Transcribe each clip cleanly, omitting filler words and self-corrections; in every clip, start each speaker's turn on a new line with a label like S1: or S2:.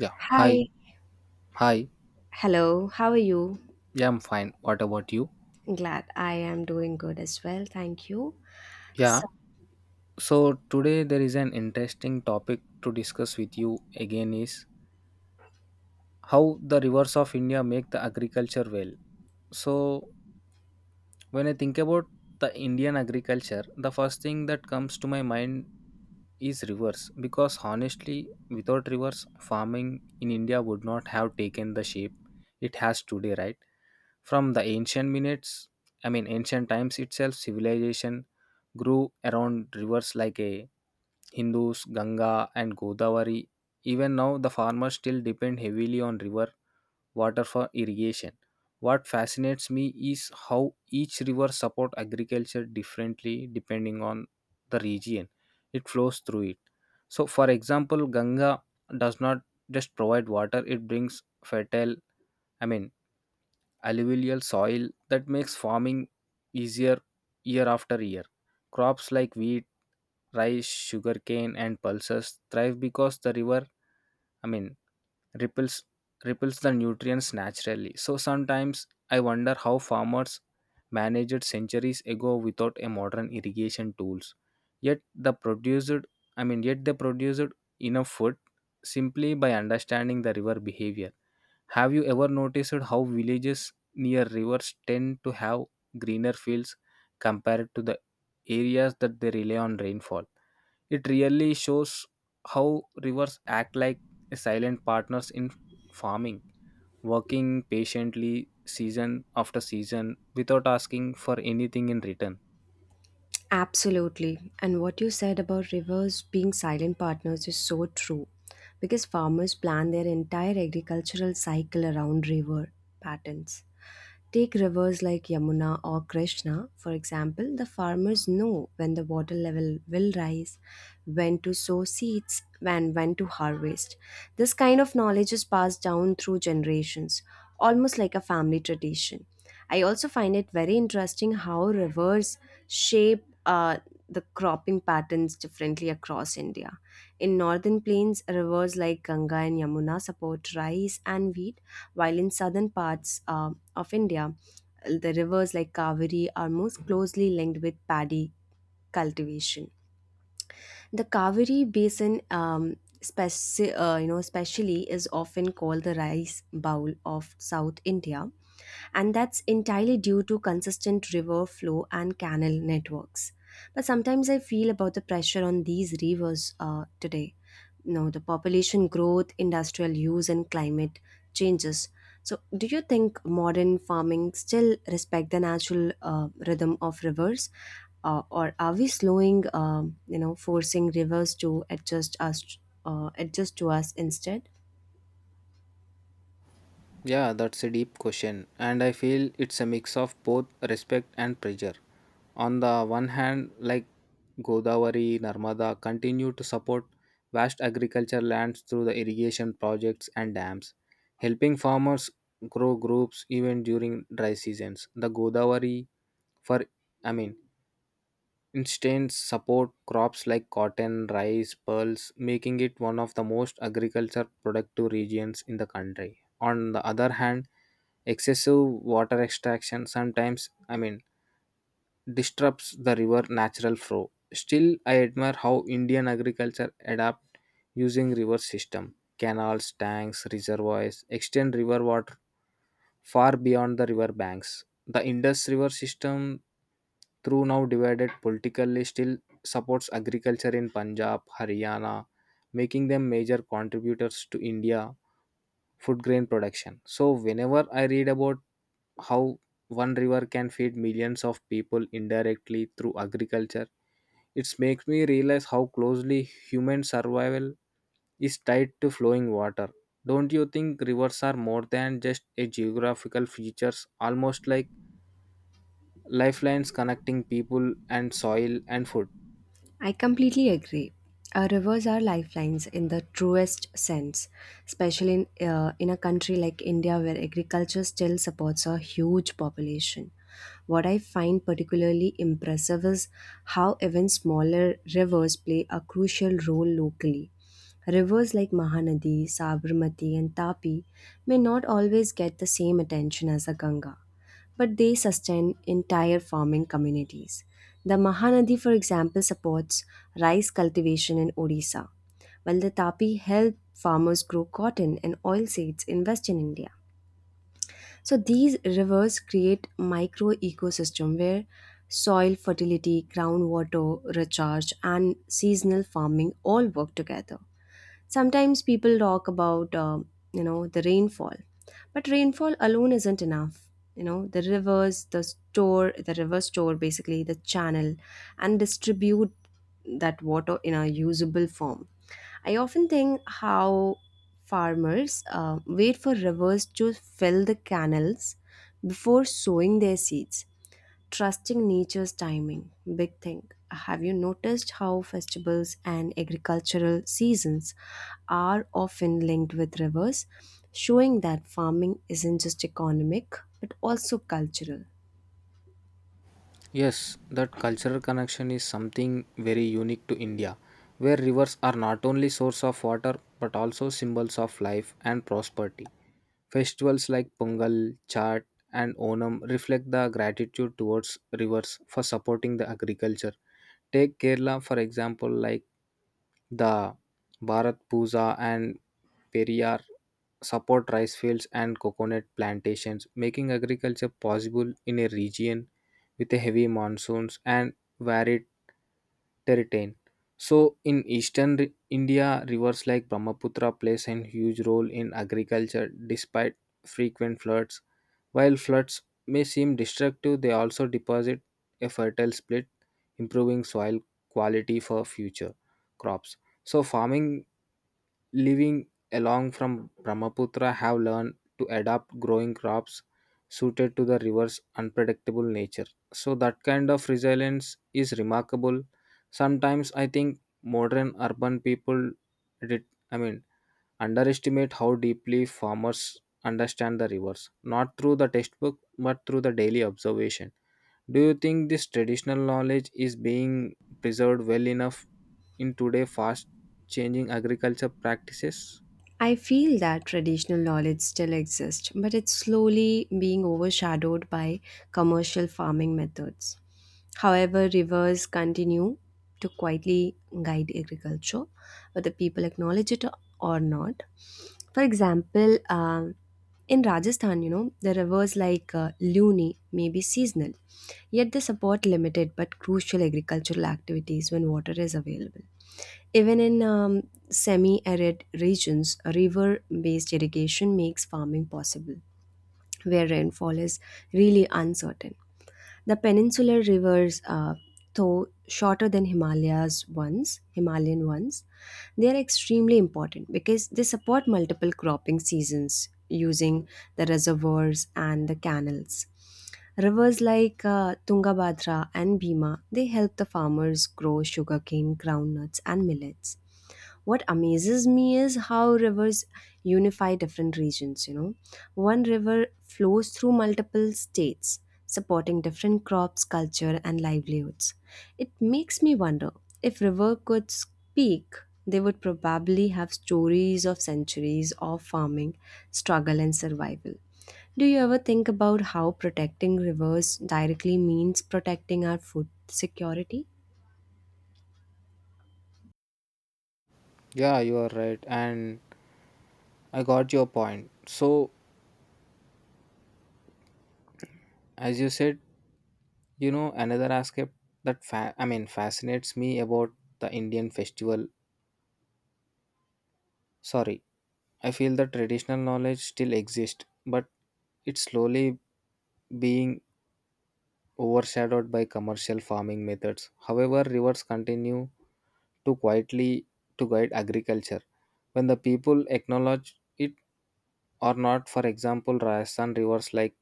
S1: Yeah, hi,
S2: Hi.
S1: hi.
S2: Hello. How are you?
S1: Yeah, I'm fine. What about you?
S2: Glad I am doing good as well. Thank you.
S1: Yeah,
S2: So,
S1: so today there is an interesting topic to discuss with you again is how the rivers of India make the agriculture well. So when I think about the Indian agriculture, the first thing that comes to my mind is rivers because honestly, without rivers, farming in India would not have taken the shape it has today, right? From the ancient minutes, I mean ancient times itself, civilization grew around rivers like a Hindus, Ganga and Godavari. Even now the farmers still depend heavily on river water for irrigation. What fascinates me is how each river support agriculture differently depending on the region it flows through it. So for example, Ganga does not just provide water, it brings fertile I mean alluvial soil that makes farming easier year after year. Crops like wheat, rice, sugarcane, and pulses thrive because the river, I mean, ripples ripples the nutrients naturally. So sometimes I wonder how farmers managed centuries ago without a modern irrigation tools. Yet the produced, yet they produced enough food simply by understanding the river behavior. Have you ever noticed how villages near rivers tend to have greener fields compared to the areas that they rely on rainfall? It really shows how rivers act like silent partners in farming, working patiently season after season without asking for anything in return.
S2: absolutely. And what you said about rivers being silent partners is so true because farmers plan their entire agricultural cycle around river patterns. Take rivers like Yamuna or Krishna, for example, the farmers know when the water level will rise, when to sow seeds, and when to harvest. This kind of knowledge is passed down through generations, almost like a family tradition. I also find it very interesting how rivers shape the cropping patterns differently across India. In northern plains, rivers like Ganga and Yamuna support rice and wheat, while in southern parts, of India. The rivers like Kaveri are most closely linked with paddy cultivation. The Kaveri Basin, you know, especially, is often called the rice bowl of South India, and that's entirely due to consistent river flow and canal networks. But sometimes I feel about the pressure on these rivers today, no, the population growth, industrial use, and climate changes. So do you think modern farming still respect the natural rhythm of rivers or are we slowing, you know, forcing rivers to adjust us, adjust to us instead?
S1: Yeah, that's a deep question, and I feel it's a mix of both respect and pressure. On the one hand, like Godavari, Narmada continue to support vast agriculture lands through the irrigation projects and dams, helping farmers grow groups even during dry seasons. The Godavari, for I mean, Instead, support crops like cotton, rice, pearls, making it one of the most agriculture productive regions in the country. On the other hand, excessive water extraction sometimes I mean disrupts the river natural flow. Still, I admire how Indian agriculture adapt using river system, canals, tanks, reservoirs, extend river water far beyond the river banks. The Indus River system, through now divided politically, still supports agriculture in Punjab, Haryana, making them major contributors to India food grain production. So, whenever I read about how one river can feed millions of people indirectly through agriculture, it makes me realize how closely human survival is tied to flowing water. Don't you think rivers are more than just a geographical features, almost like lifelines connecting people and soil and food?
S2: I completely agree. Our rivers are lifelines in the truest sense, especially in a country like India where agriculture still supports a huge population. What I find particularly impressive is how even smaller rivers play a crucial role locally. Rivers like Mahanadi, Sabarmati, and Tapi may not always get the same attention as the Ganga, but they sustain entire farming communities. The Mahanadi, for example, supports rice cultivation in Odisha, while the Tapi help farmers grow cotton and oil seeds in Western India. So these rivers create micro ecosystem where soil fertility, groundwater recharge, and seasonal farming all work together. Sometimes people talk about you know, the rainfall, but rainfall alone isn't enough. You know, the river store, basically the channel, and distribute that water in a usable form. I often think how farmers wait for rivers to fill the canals before sowing their seeds, trusting nature's timing, big thing. Have you noticed how festivals and agricultural seasons are often linked with rivers, showing that farming isn't just economic but also cultural?
S1: Yes, that cultural connection is something very unique to India, where rivers are not only source of water but also symbols of life and prosperity. Festivals like Pongal, Chhat, and Onam reflect the gratitude towards rivers for supporting the agriculture. Take Kerala for example, like the Bharat Puja and Periyar support rice fields and coconut plantations, making agriculture possible in a region with a heavy monsoons and varied terrain. So, in India, rivers like Brahmaputra plays a huge role in agriculture despite frequent floods while floods may seem destructive, they also deposit a fertile split, improving soil quality for future crops. So farming living along from Brahmaputra have learned to adapt growing crops suited to the river's unpredictable nature. So that kind of resilience is remarkable. Sometimes I think modern urban people did I mean underestimate how deeply farmers understand the rivers, not through the textbook but through the daily observation. Do you think this traditional knowledge is being preserved well enough in today fast changing agriculture practices?
S2: I feel that traditional knowledge still exists, but it's slowly being overshadowed by commercial farming methods. However, rivers continue to quietly guide agriculture, whether people acknowledge it or not. For example, in Rajasthan, you know, the rivers like Luni may be seasonal, yet they support limited but crucial agricultural activities when water is available. Even in semi arid regions, river based irrigation makes farming possible, where rainfall is really uncertain. The peninsular rivers, though shorter than Himalayas ones, Himalayan ones, they are extremely important because they support multiple cropping seasons using the reservoirs and the canals. Rivers like Tungabhadra and Bhima, they help the farmers grow sugarcane, groundnuts, and millets. What amazes me is how rivers unify different regions, you know. One river flows through multiple states, supporting different crops, culture, and livelihoods. It makes me wonder, if river could speak, they would probably have stories of centuries of farming, struggle, and survival. Do you ever think about how protecting rivers directly means protecting our food security?
S1: Yeah, you are right, and I got your point. So, as you said, you know, another aspect that fascinates me about the Indian festival. Sorry, I feel the traditional knowledge still exists, but it's slowly being overshadowed by commercial farming methods. However, rivers continue to quietly to guide agriculture when the people acknowledge it or not. For example, Rajasthan rivers like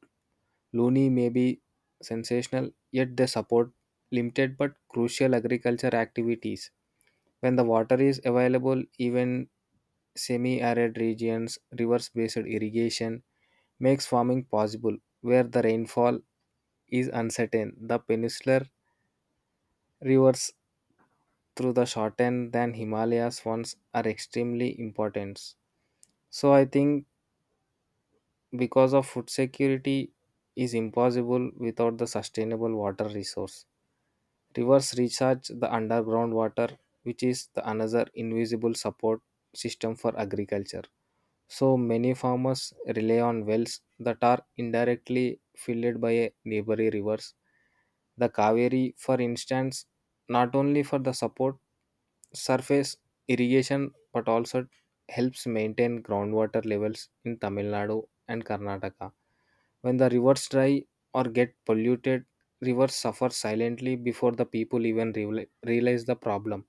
S1: Luni may be sensational, yet they support limited but crucial agriculture activities. When the water is available, even semi-arid regions, reverse-based irrigation makes farming possible. Where the rainfall is uncertain, the peninsular rivers through the shortened than Himalayas ones are extremely important. So I think because of food security is impossible without the sustainable water resource. Rivers recharge the underground water, which is the another invisible support system for agriculture. So many farmers rely on wells that are indirectly filled by a neighboring rivers. The Kaveri, for instance, not only for the support surface irrigation but also helps maintain groundwater levels in Tamil Nadu and Karnataka. When the rivers dry or get polluted, rivers suffer silently before the people realize the problem.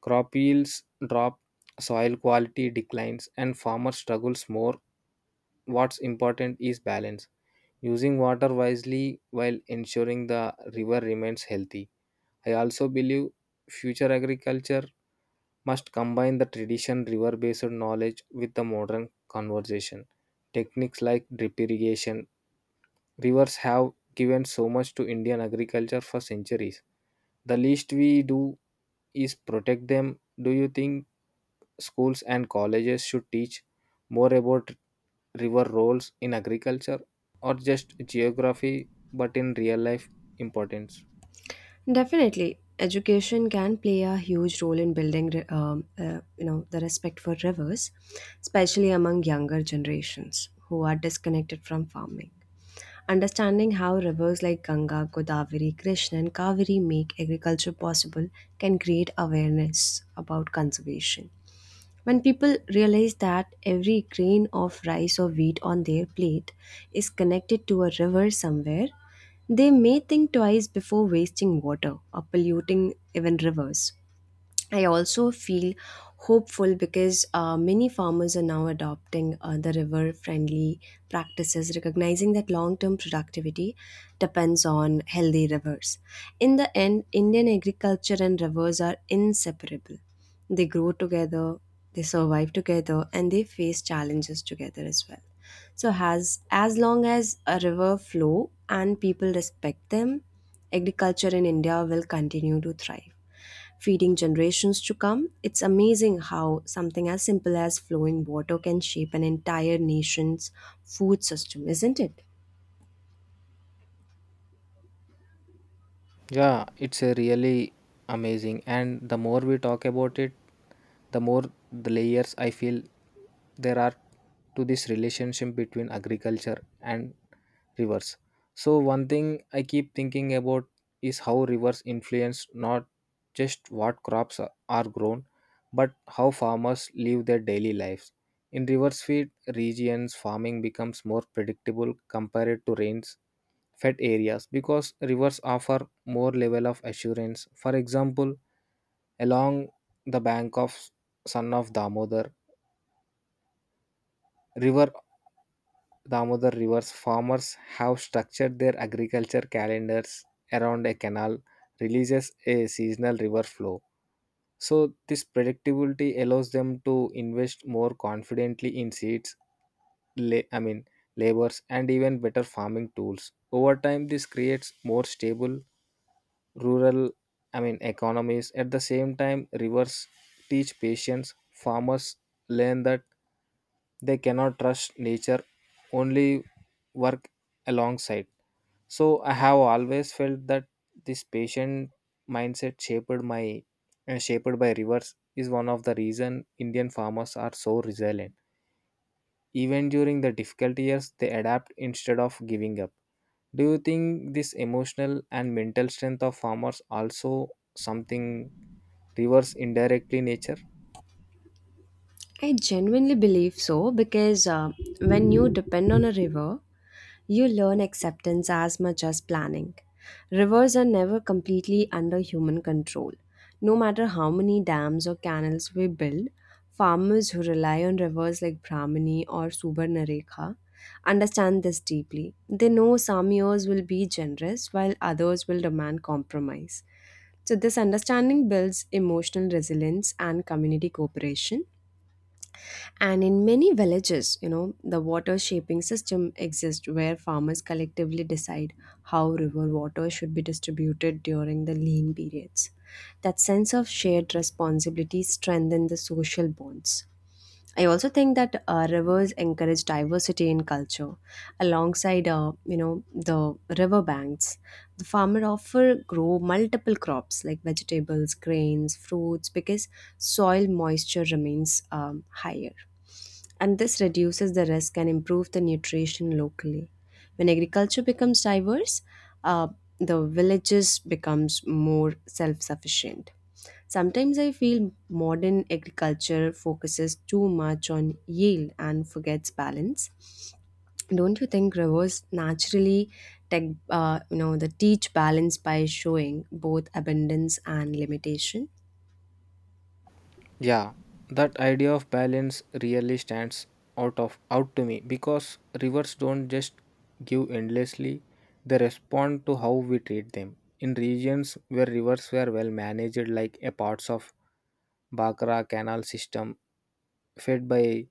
S1: Crop yields drop, soil quality declines, and farmer struggles more. What's important is balance, using water wisely while ensuring the river remains healthy. I also believe future agriculture must combine the tradition river based knowledge with the modern conversation. Techniques like drip irrigation, rivers have given so much to Indian agriculture for centuries. The least we do is protect them. Do you think schools and colleges should teach more about river roles in agriculture or just geography, but in real life importance.
S2: Definitely, education can play a huge role in building, you know, the respect for rivers, especially among younger generations who are disconnected from farming. Understanding how rivers like Ganga, Godavari, Krishna, and Kaveri make agriculture possible can create awareness about conservation. When people realize that every grain of rice or wheat on their plate is connected to a river somewhere, they may think twice before wasting water or polluting even rivers. I also feel hopeful because many farmers are now adopting the river friendly practices, recognizing that long term productivity depends on healthy rivers. In the end, Indian agriculture and rivers are inseparable. They grow together, they survive together, and they face challenges together as well. So as long as a river flow and people respect them, agriculture in India will continue to thrive, feeding generations to come. It's amazing how something as simple as flowing water can shape an entire nation's food system, isn't it?
S1: Yeah, it's a really amazing. And the more we talk about it, the more the layers I feel there are to this relationship between agriculture and rivers. So, one thing I keep thinking about is how rivers influence not just what crops are grown, but how farmers live their daily lives. In river-fed regions, farming becomes more predictable compared to rains fed areas because rivers offer more level of assurance. For example, along the bank of son of Damodar river, Damodar rivers, farmers have structured their agriculture calendars around a canal, releases a seasonal river flow. So, this predictability allows them to invest more confidently in seeds, la- I mean, labors, and even better farming tools. Over time, this creates more stable rural economies. At the same time, rivers teach patience. Farmers learn that they cannot trust nature, only work alongside. So I have always felt that this patient mindset shaped by rivers is one of the reason Indian farmers are so resilient. Even during the difficult years, they adapt instead of giving up. Do you think this emotional and mental strength of farmers also something reverse indirectly nature?
S2: I genuinely believe so because when you depend on a river, you learn acceptance as much as planning. Rivers are never completely under human control. No matter how many dams or canals we build, farmers who rely on rivers like Brahmani or Subarnarekha understand this deeply. They know some years will be generous while others will demand compromise. So, this understanding builds emotional resilience and community cooperation, and in many villages, you know, the water shaping system exists where farmers collectively decide how river water should be distributed during the lean periods. That sense of shared responsibility strengthens the social bonds. I also think that rivers encourage diversity in culture. Alongside, you know, the river banks, the farmer often grow multiple crops like vegetables, grains, fruits because soil moisture remains higher, and this reduces the risk and improves the nutrition locally. When agriculture becomes diverse, uh, the villages becomes more self-sufficient. Sometimes I feel modern agriculture focuses too much on yield and forgets balance. Don't you think rivers naturally take, you know, the teach balance by showing both abundance and limitation?
S1: Yeah, that idea of balance really stands out to me because rivers don't just give endlessly, they respond to how we treat them. In regions where rivers were well managed like a parts of Bhakra canal system fed by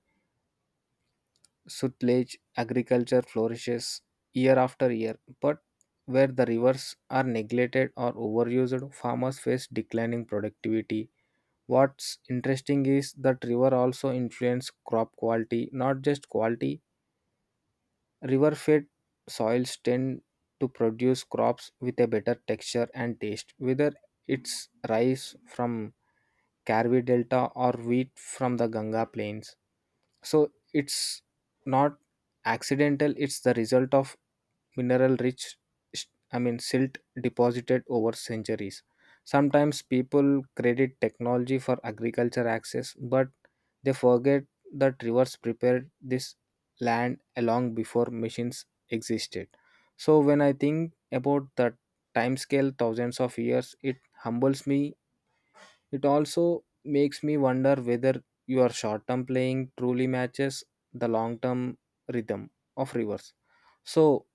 S1: Sutlej agriculture flourishes year after year, but where the rivers are neglected or overused, farmers face declining productivity. What's interesting is that river also influence crop quality, not just quality. River-fed soils tend to produce crops with a better texture and taste, whether it's rice from Karvi Delta or wheat from the Ganga Plains so it's not accidental it's the result of mineral rich I mean silt deposited over centuries. Sometimes people credit technology for agriculture access but they forget that rivers prepared this land along before machines existed. So when I think about the time scale thousands of years it humbles me. It also makes me wonder whether your short term playing truly matches the long term rhythm of rivers. So,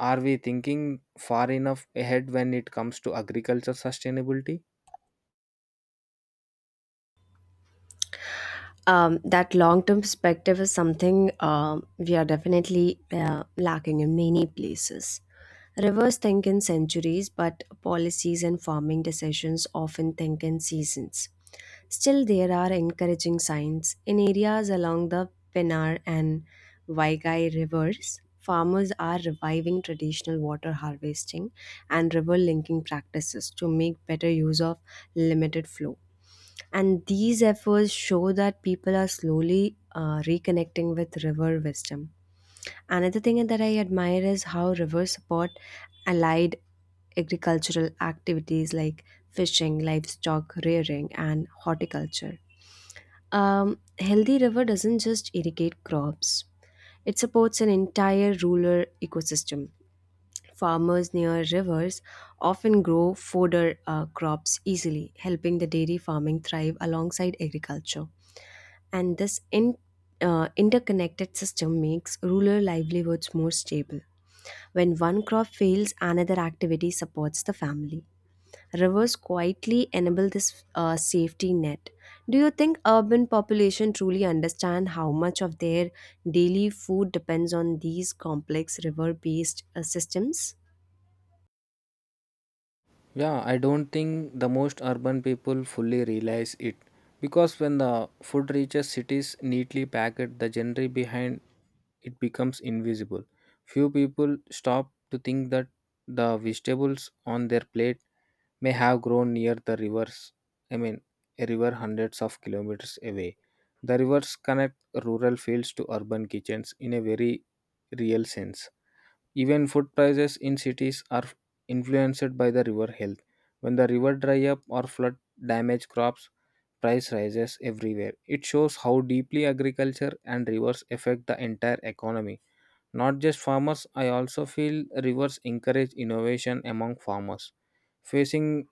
S1: are we thinking far enough ahead when it comes to agriculture sustainability?
S2: That long term perspective is something we are definitely lacking in many places. Rivers think in centuries, but policies and farming decisions often think in seasons. Still, there are encouraging signs. In areas along the Penar and Vaigai rivers, farmers are reviving traditional water harvesting and river linking practices to make better use of limited flow. And these efforts show that people are slowly reconnecting with river wisdom. Another thing that I admire is how rivers support allied agricultural activities like fishing, livestock rearing, and horticulture. Healthy river doesn't just irrigate crops; it supports an entire rural ecosystem. Farmers near rivers often grow fodder crops easily, helping the dairy farming thrive alongside agriculture. And this interconnected system makes rural livelihoods more stable. When one crop fails, another activity supports the family. Rivers quietly enable this safety net. Do you think urban population truly understand how much of their daily food depends on these complex river-based systems?
S1: Yeah, I don't think the most urban people fully realize it because when the food reaches cities neatly packed, the genre behind it becomes invisible. Few people stop to think that the vegetables on their plate may have grown near the I mean, a river hundreds of kilometers away. The rivers connect rural fields to urban kitchens in a very real sense. Even food prices in cities are influenced by the river health. When the river dry up or flood damage crops, price rises everywhere. It shows how deeply agriculture and rivers affect the entire economy. Not just farmers, I also feel rivers encourage innovation among farmers. Facing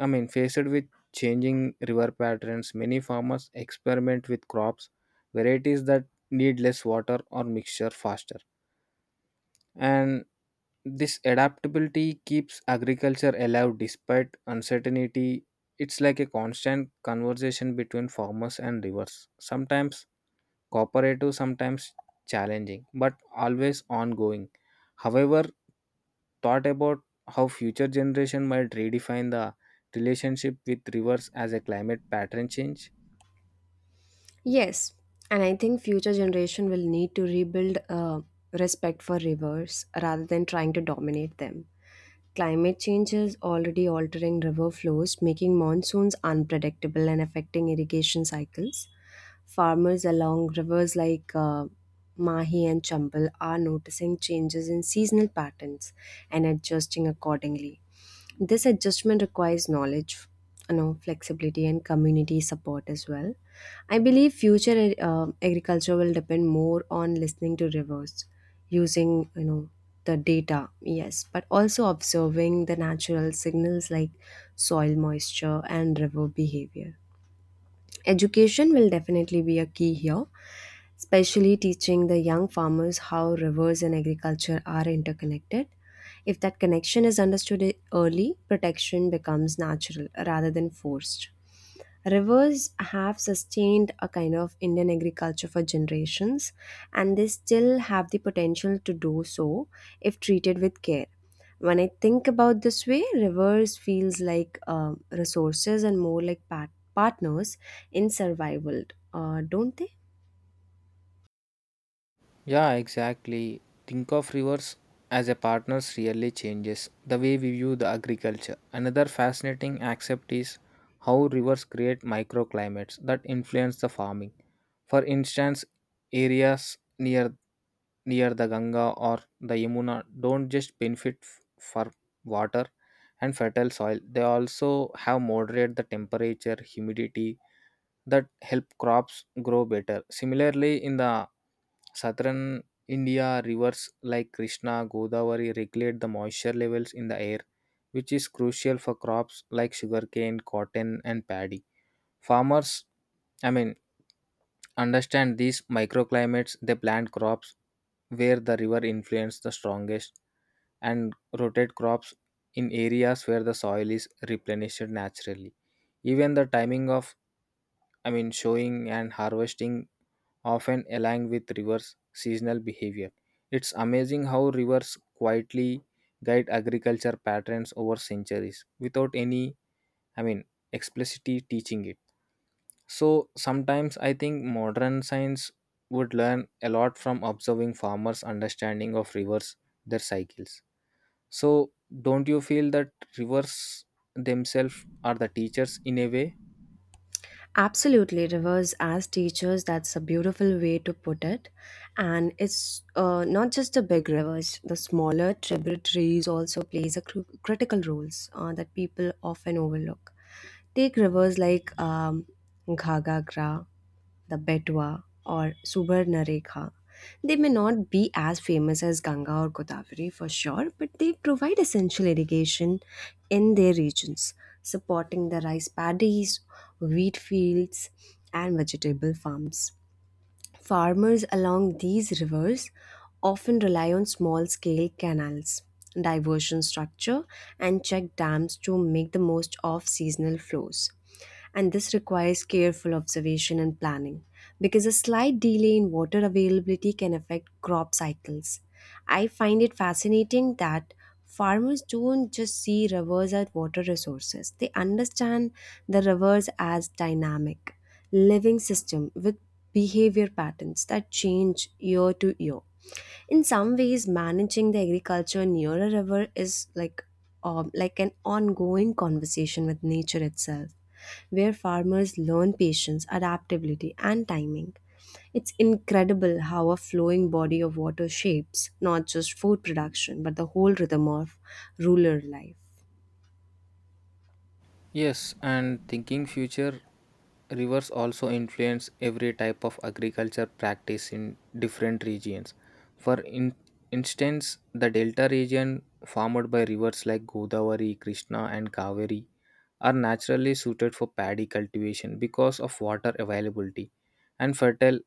S1: I mean faced with changing river patterns, many farmers experiment with crops, varieties that need less water or mixture faster. And this adaptability keeps agriculture alive despite uncertainty. It's like a constant conversation between farmers and rivers. Sometimes cooperative, sometimes challenging, but always ongoing. However, thought about how future generation might redefine the relationship with rivers as a climate pattern change.
S2: Yes, and I think future generation will need to rebuild respect for rivers rather than trying to dominate them. Climate change is already altering river flows, making monsoons unpredictable and affecting irrigation cycles. Farmers along rivers like Mahi and Chambal are noticing changes in seasonal patterns and adjusting accordingly. This adjustment requires knowledge, you know, flexibility, and community support as well. I believe future agriculture will depend more on listening to rivers, using, you know, the data, yes, but also observing the natural signals like soil moisture and river behavior. Education will definitely be a key here, especially teaching the young farmers how rivers and agriculture are interconnected. If that connection is understood early, protection becomes natural rather than forced. Rivers have sustained a kind of Indian agriculture for generations, and they still have the potential to do so if treated with care. When I think about this way, rivers feels like resources and more like partners in survival, don't they?
S1: Yeah, exactly. Think of rivers as a partners really changes the way we view the agriculture. Another fascinating aspect is how rivers create microclimates that influence the farming. For instance, areas near the Ganga or the Yamuna don't just benefit for water and fertile soil, they also have moderate the temperature, humidity that help crops grow better. Similarly, in the southern India, rivers like Krishna, Godavari regulate the moisture levels in the air, which is crucial for crops like sugarcane, cotton, and paddy. Farmers, I mean, Understand these microclimates, they plant crops where the river influence the strongest and rotate crops in areas where the soil is replenished naturally. Even the timing of showing and harvesting often align with rivers seasonal behavior. It's amazing how rivers quietly guide agriculture patterns over centuries without any I mean explicitly teaching it. So sometimes I think modern science would learn a lot from observing farmers' understanding of rivers, their cycles. So don't you feel that rivers themselves are the teachers in a way?
S2: Absolutely, rivers as teachers, that's a beautiful way to put it. And it's not just the big rivers, the smaller tributaries also plays a critical roles that people often overlook. Take rivers like Ghaghara, the Betwa, or Subarnarekha. They may not be as famous as Ganga or Godavari for sure, but they provide essential irrigation in their regions, supporting the rice paddies, wheat fields, and vegetable farms. Farmers along these rivers often rely on small scale canals, diversion structure, and check dams to make the most of seasonal flows. And this requires careful observation and planning because a slight delay in water availability can affect crop cycles. I find it fascinating that farmers don't just see rivers as water resources, they understand the rivers as dynamic living system with behavior patterns that change year to year. In some ways, managing the agriculture near a river is like an ongoing conversation with nature itself, where farmers learn patience, adaptability, and timing. It's incredible how a flowing body of water shapes not just food production but the whole rhythm of rural life.
S1: Yes, and thinking future rivers also influence every type of agriculture practice in different regions. For instance, the delta region formed by rivers like Godavari, Krishna, and Kaveri are naturally suited for paddy cultivation because of water availability and fertile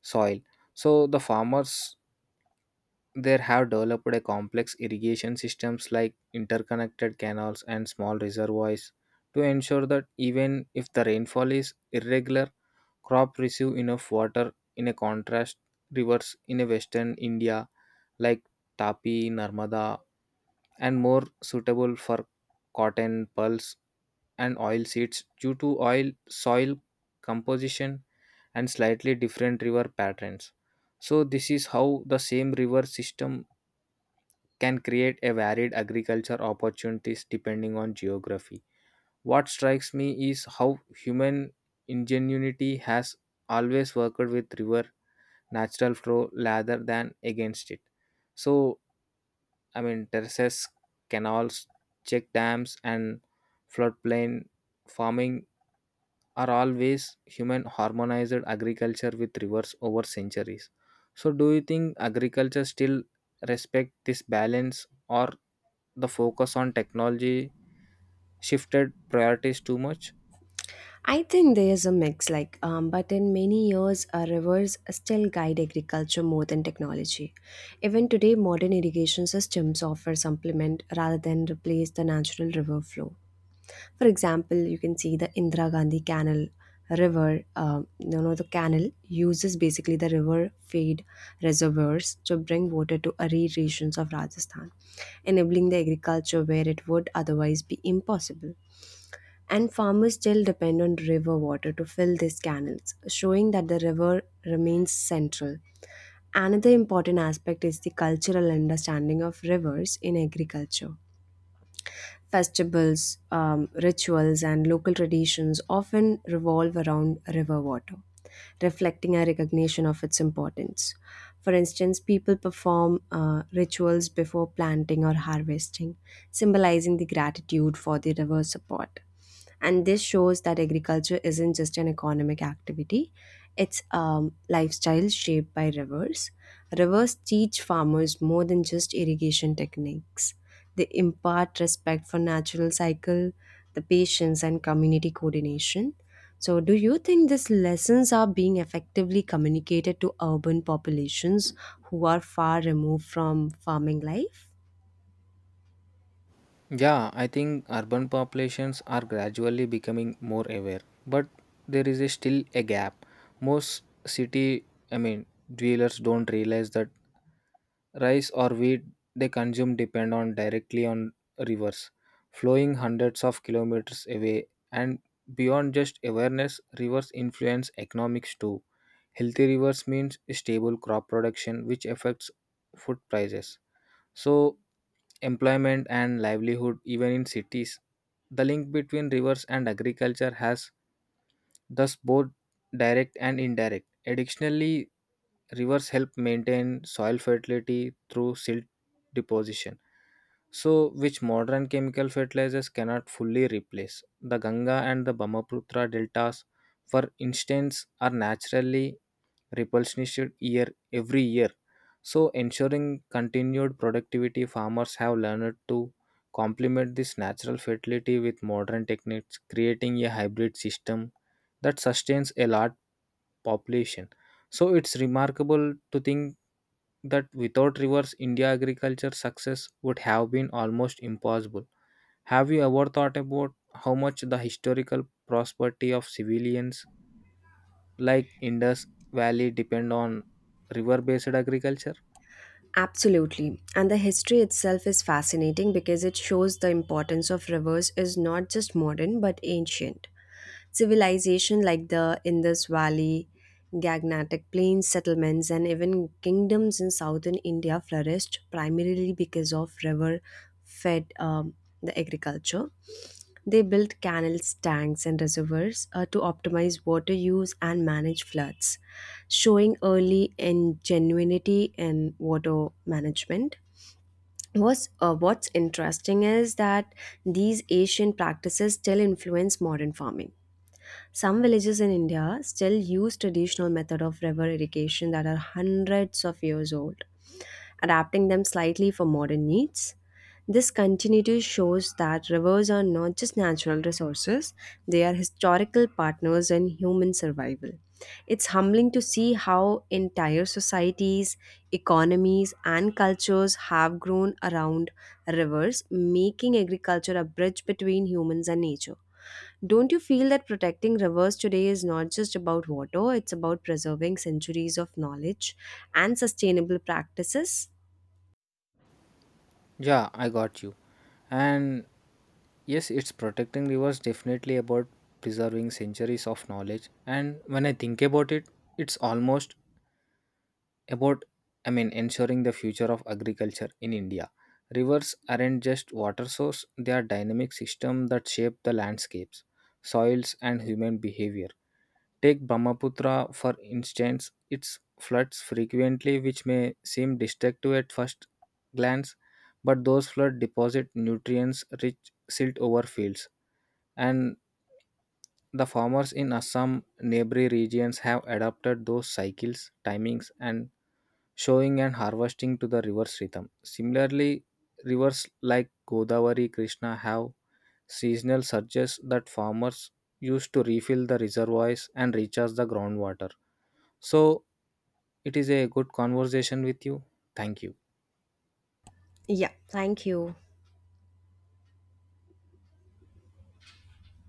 S1: soil. So the farmers they have developed a complex irrigation systems like interconnected canals and small reservoirs to ensure that even if the rainfall is irregular, crop receive enough water. In a contrast, rivers in a western India like Tapi, Narmada, and more suitable for cotton, pulse, and oil seeds due to oil soil composition and slightly different river patterns. So this is how the same river system can create a varied agriculture opportunities depending on geography. What strikes me is how human ingenuity has always worked with river natural flow rather than against it. So Terraces, canals, check dams and floodplain farming are always human harmonized agriculture with rivers over centuries. So do you think agriculture still respect this balance or the focus on technology shifted priorities too much?
S2: I think there is a mix, like, but in many years, rivers still guide agriculture more than technology. Even today, modern irrigation systems offer supplement rather than replace the natural river flow. For example, you can see the Indira Gandhi Canal River. You know, the canal uses basically the river feed reservoirs to bring water to arid regions of Rajasthan, enabling the agriculture where it would otherwise be impossible. And farmers still depend on river water to fill these canals, showing that the river remains central. Another important aspect is the cultural understanding of rivers in agriculture. Festivals, rituals, and local traditions often revolve around river water, reflecting a recognition of its importance. For instance, people perform rituals before planting or harvesting, symbolizing the gratitude for the river's support. And this shows that agriculture isn't just an economic activity, it's a lifestyle shaped by rivers. Rivers teach farmers more than just irrigation techniques. They impart respect for natural cycle, the patience, and community coordination. So do you think these lessons are being effectively communicated to urban populations who are far removed from farming life?
S1: Yeah, I think urban populations are gradually becoming more aware, but there is a still a gap. Most I mean, dwellers don't realize that rice or wheat they consume depend on directly on rivers flowing hundreds of kilometers away, and beyond just awareness rivers influence economics too. Healthy rivers means stable crop production which affects food prices. So employment and livelihood even in cities. The link between rivers and agriculture has thus both direct and indirect. Additionally, rivers help maintain soil fertility through silt deposition, so which modern chemical fertilizers cannot fully replace. The Ganga and the Brahmaputra deltas, for instance, are naturally replenished year every year so ensuring continued productivity farmers have learned to complement this natural fertility with modern techniques creating a hybrid system that sustains a large population, so it's remarkable to think that without rivers india agriculture success would have been almost impossible. Have you ever thought about how much the historical prosperity of civilians like Indus Valley depend on river based agriculture?
S2: Absolutely. And the history itself is fascinating because it shows the importance of rivers is not just modern but ancient. Civilization like the Indus Valley, Gagnatic Plains settlements, and even kingdoms in southern India flourished primarily because of river fed the agriculture. They built canals, tanks, and reservoirs to optimize water use and manage floods, showing early ingenuity in water management. What's interesting is that these ancient practices still influence modern farming. Some villages in India still use traditional method of river irrigation that are hundreds of years old, adapting them slightly for modern needs. This continuity shows that rivers are not just natural resources, they are historical partners in human survival. It's humbling to see how entire societies, economies, and cultures have grown around rivers, making agriculture a bridge between humans and nature. Don't you feel that protecting rivers today is not just about water, it's about preserving centuries of knowledge and sustainable practices?
S1: Yeah, I got you. And yes, it's protecting rivers definitely about preserving centuries of knowledge. And when I think about it, it's almost about ensuring the future of agriculture in India. Rivers aren't just water source, they are dynamic system that shape the landscapes, soils and human behavior. Take Brahmaputra for instance, it floods frequently, which may seem destructive at first glance, but those flood deposit nutrients rich silt over fields, and the farmers in Assam neighboring regions have adapted those cycles, timings, and showing and harvesting to the river's rhythm. Similarly, rivers like Godavari, Krishna have seasonal surges that farmers use to refill the reservoirs and recharge the groundwater. So, it is a good conversation with you. Thank you.
S2: Yeah, thank you.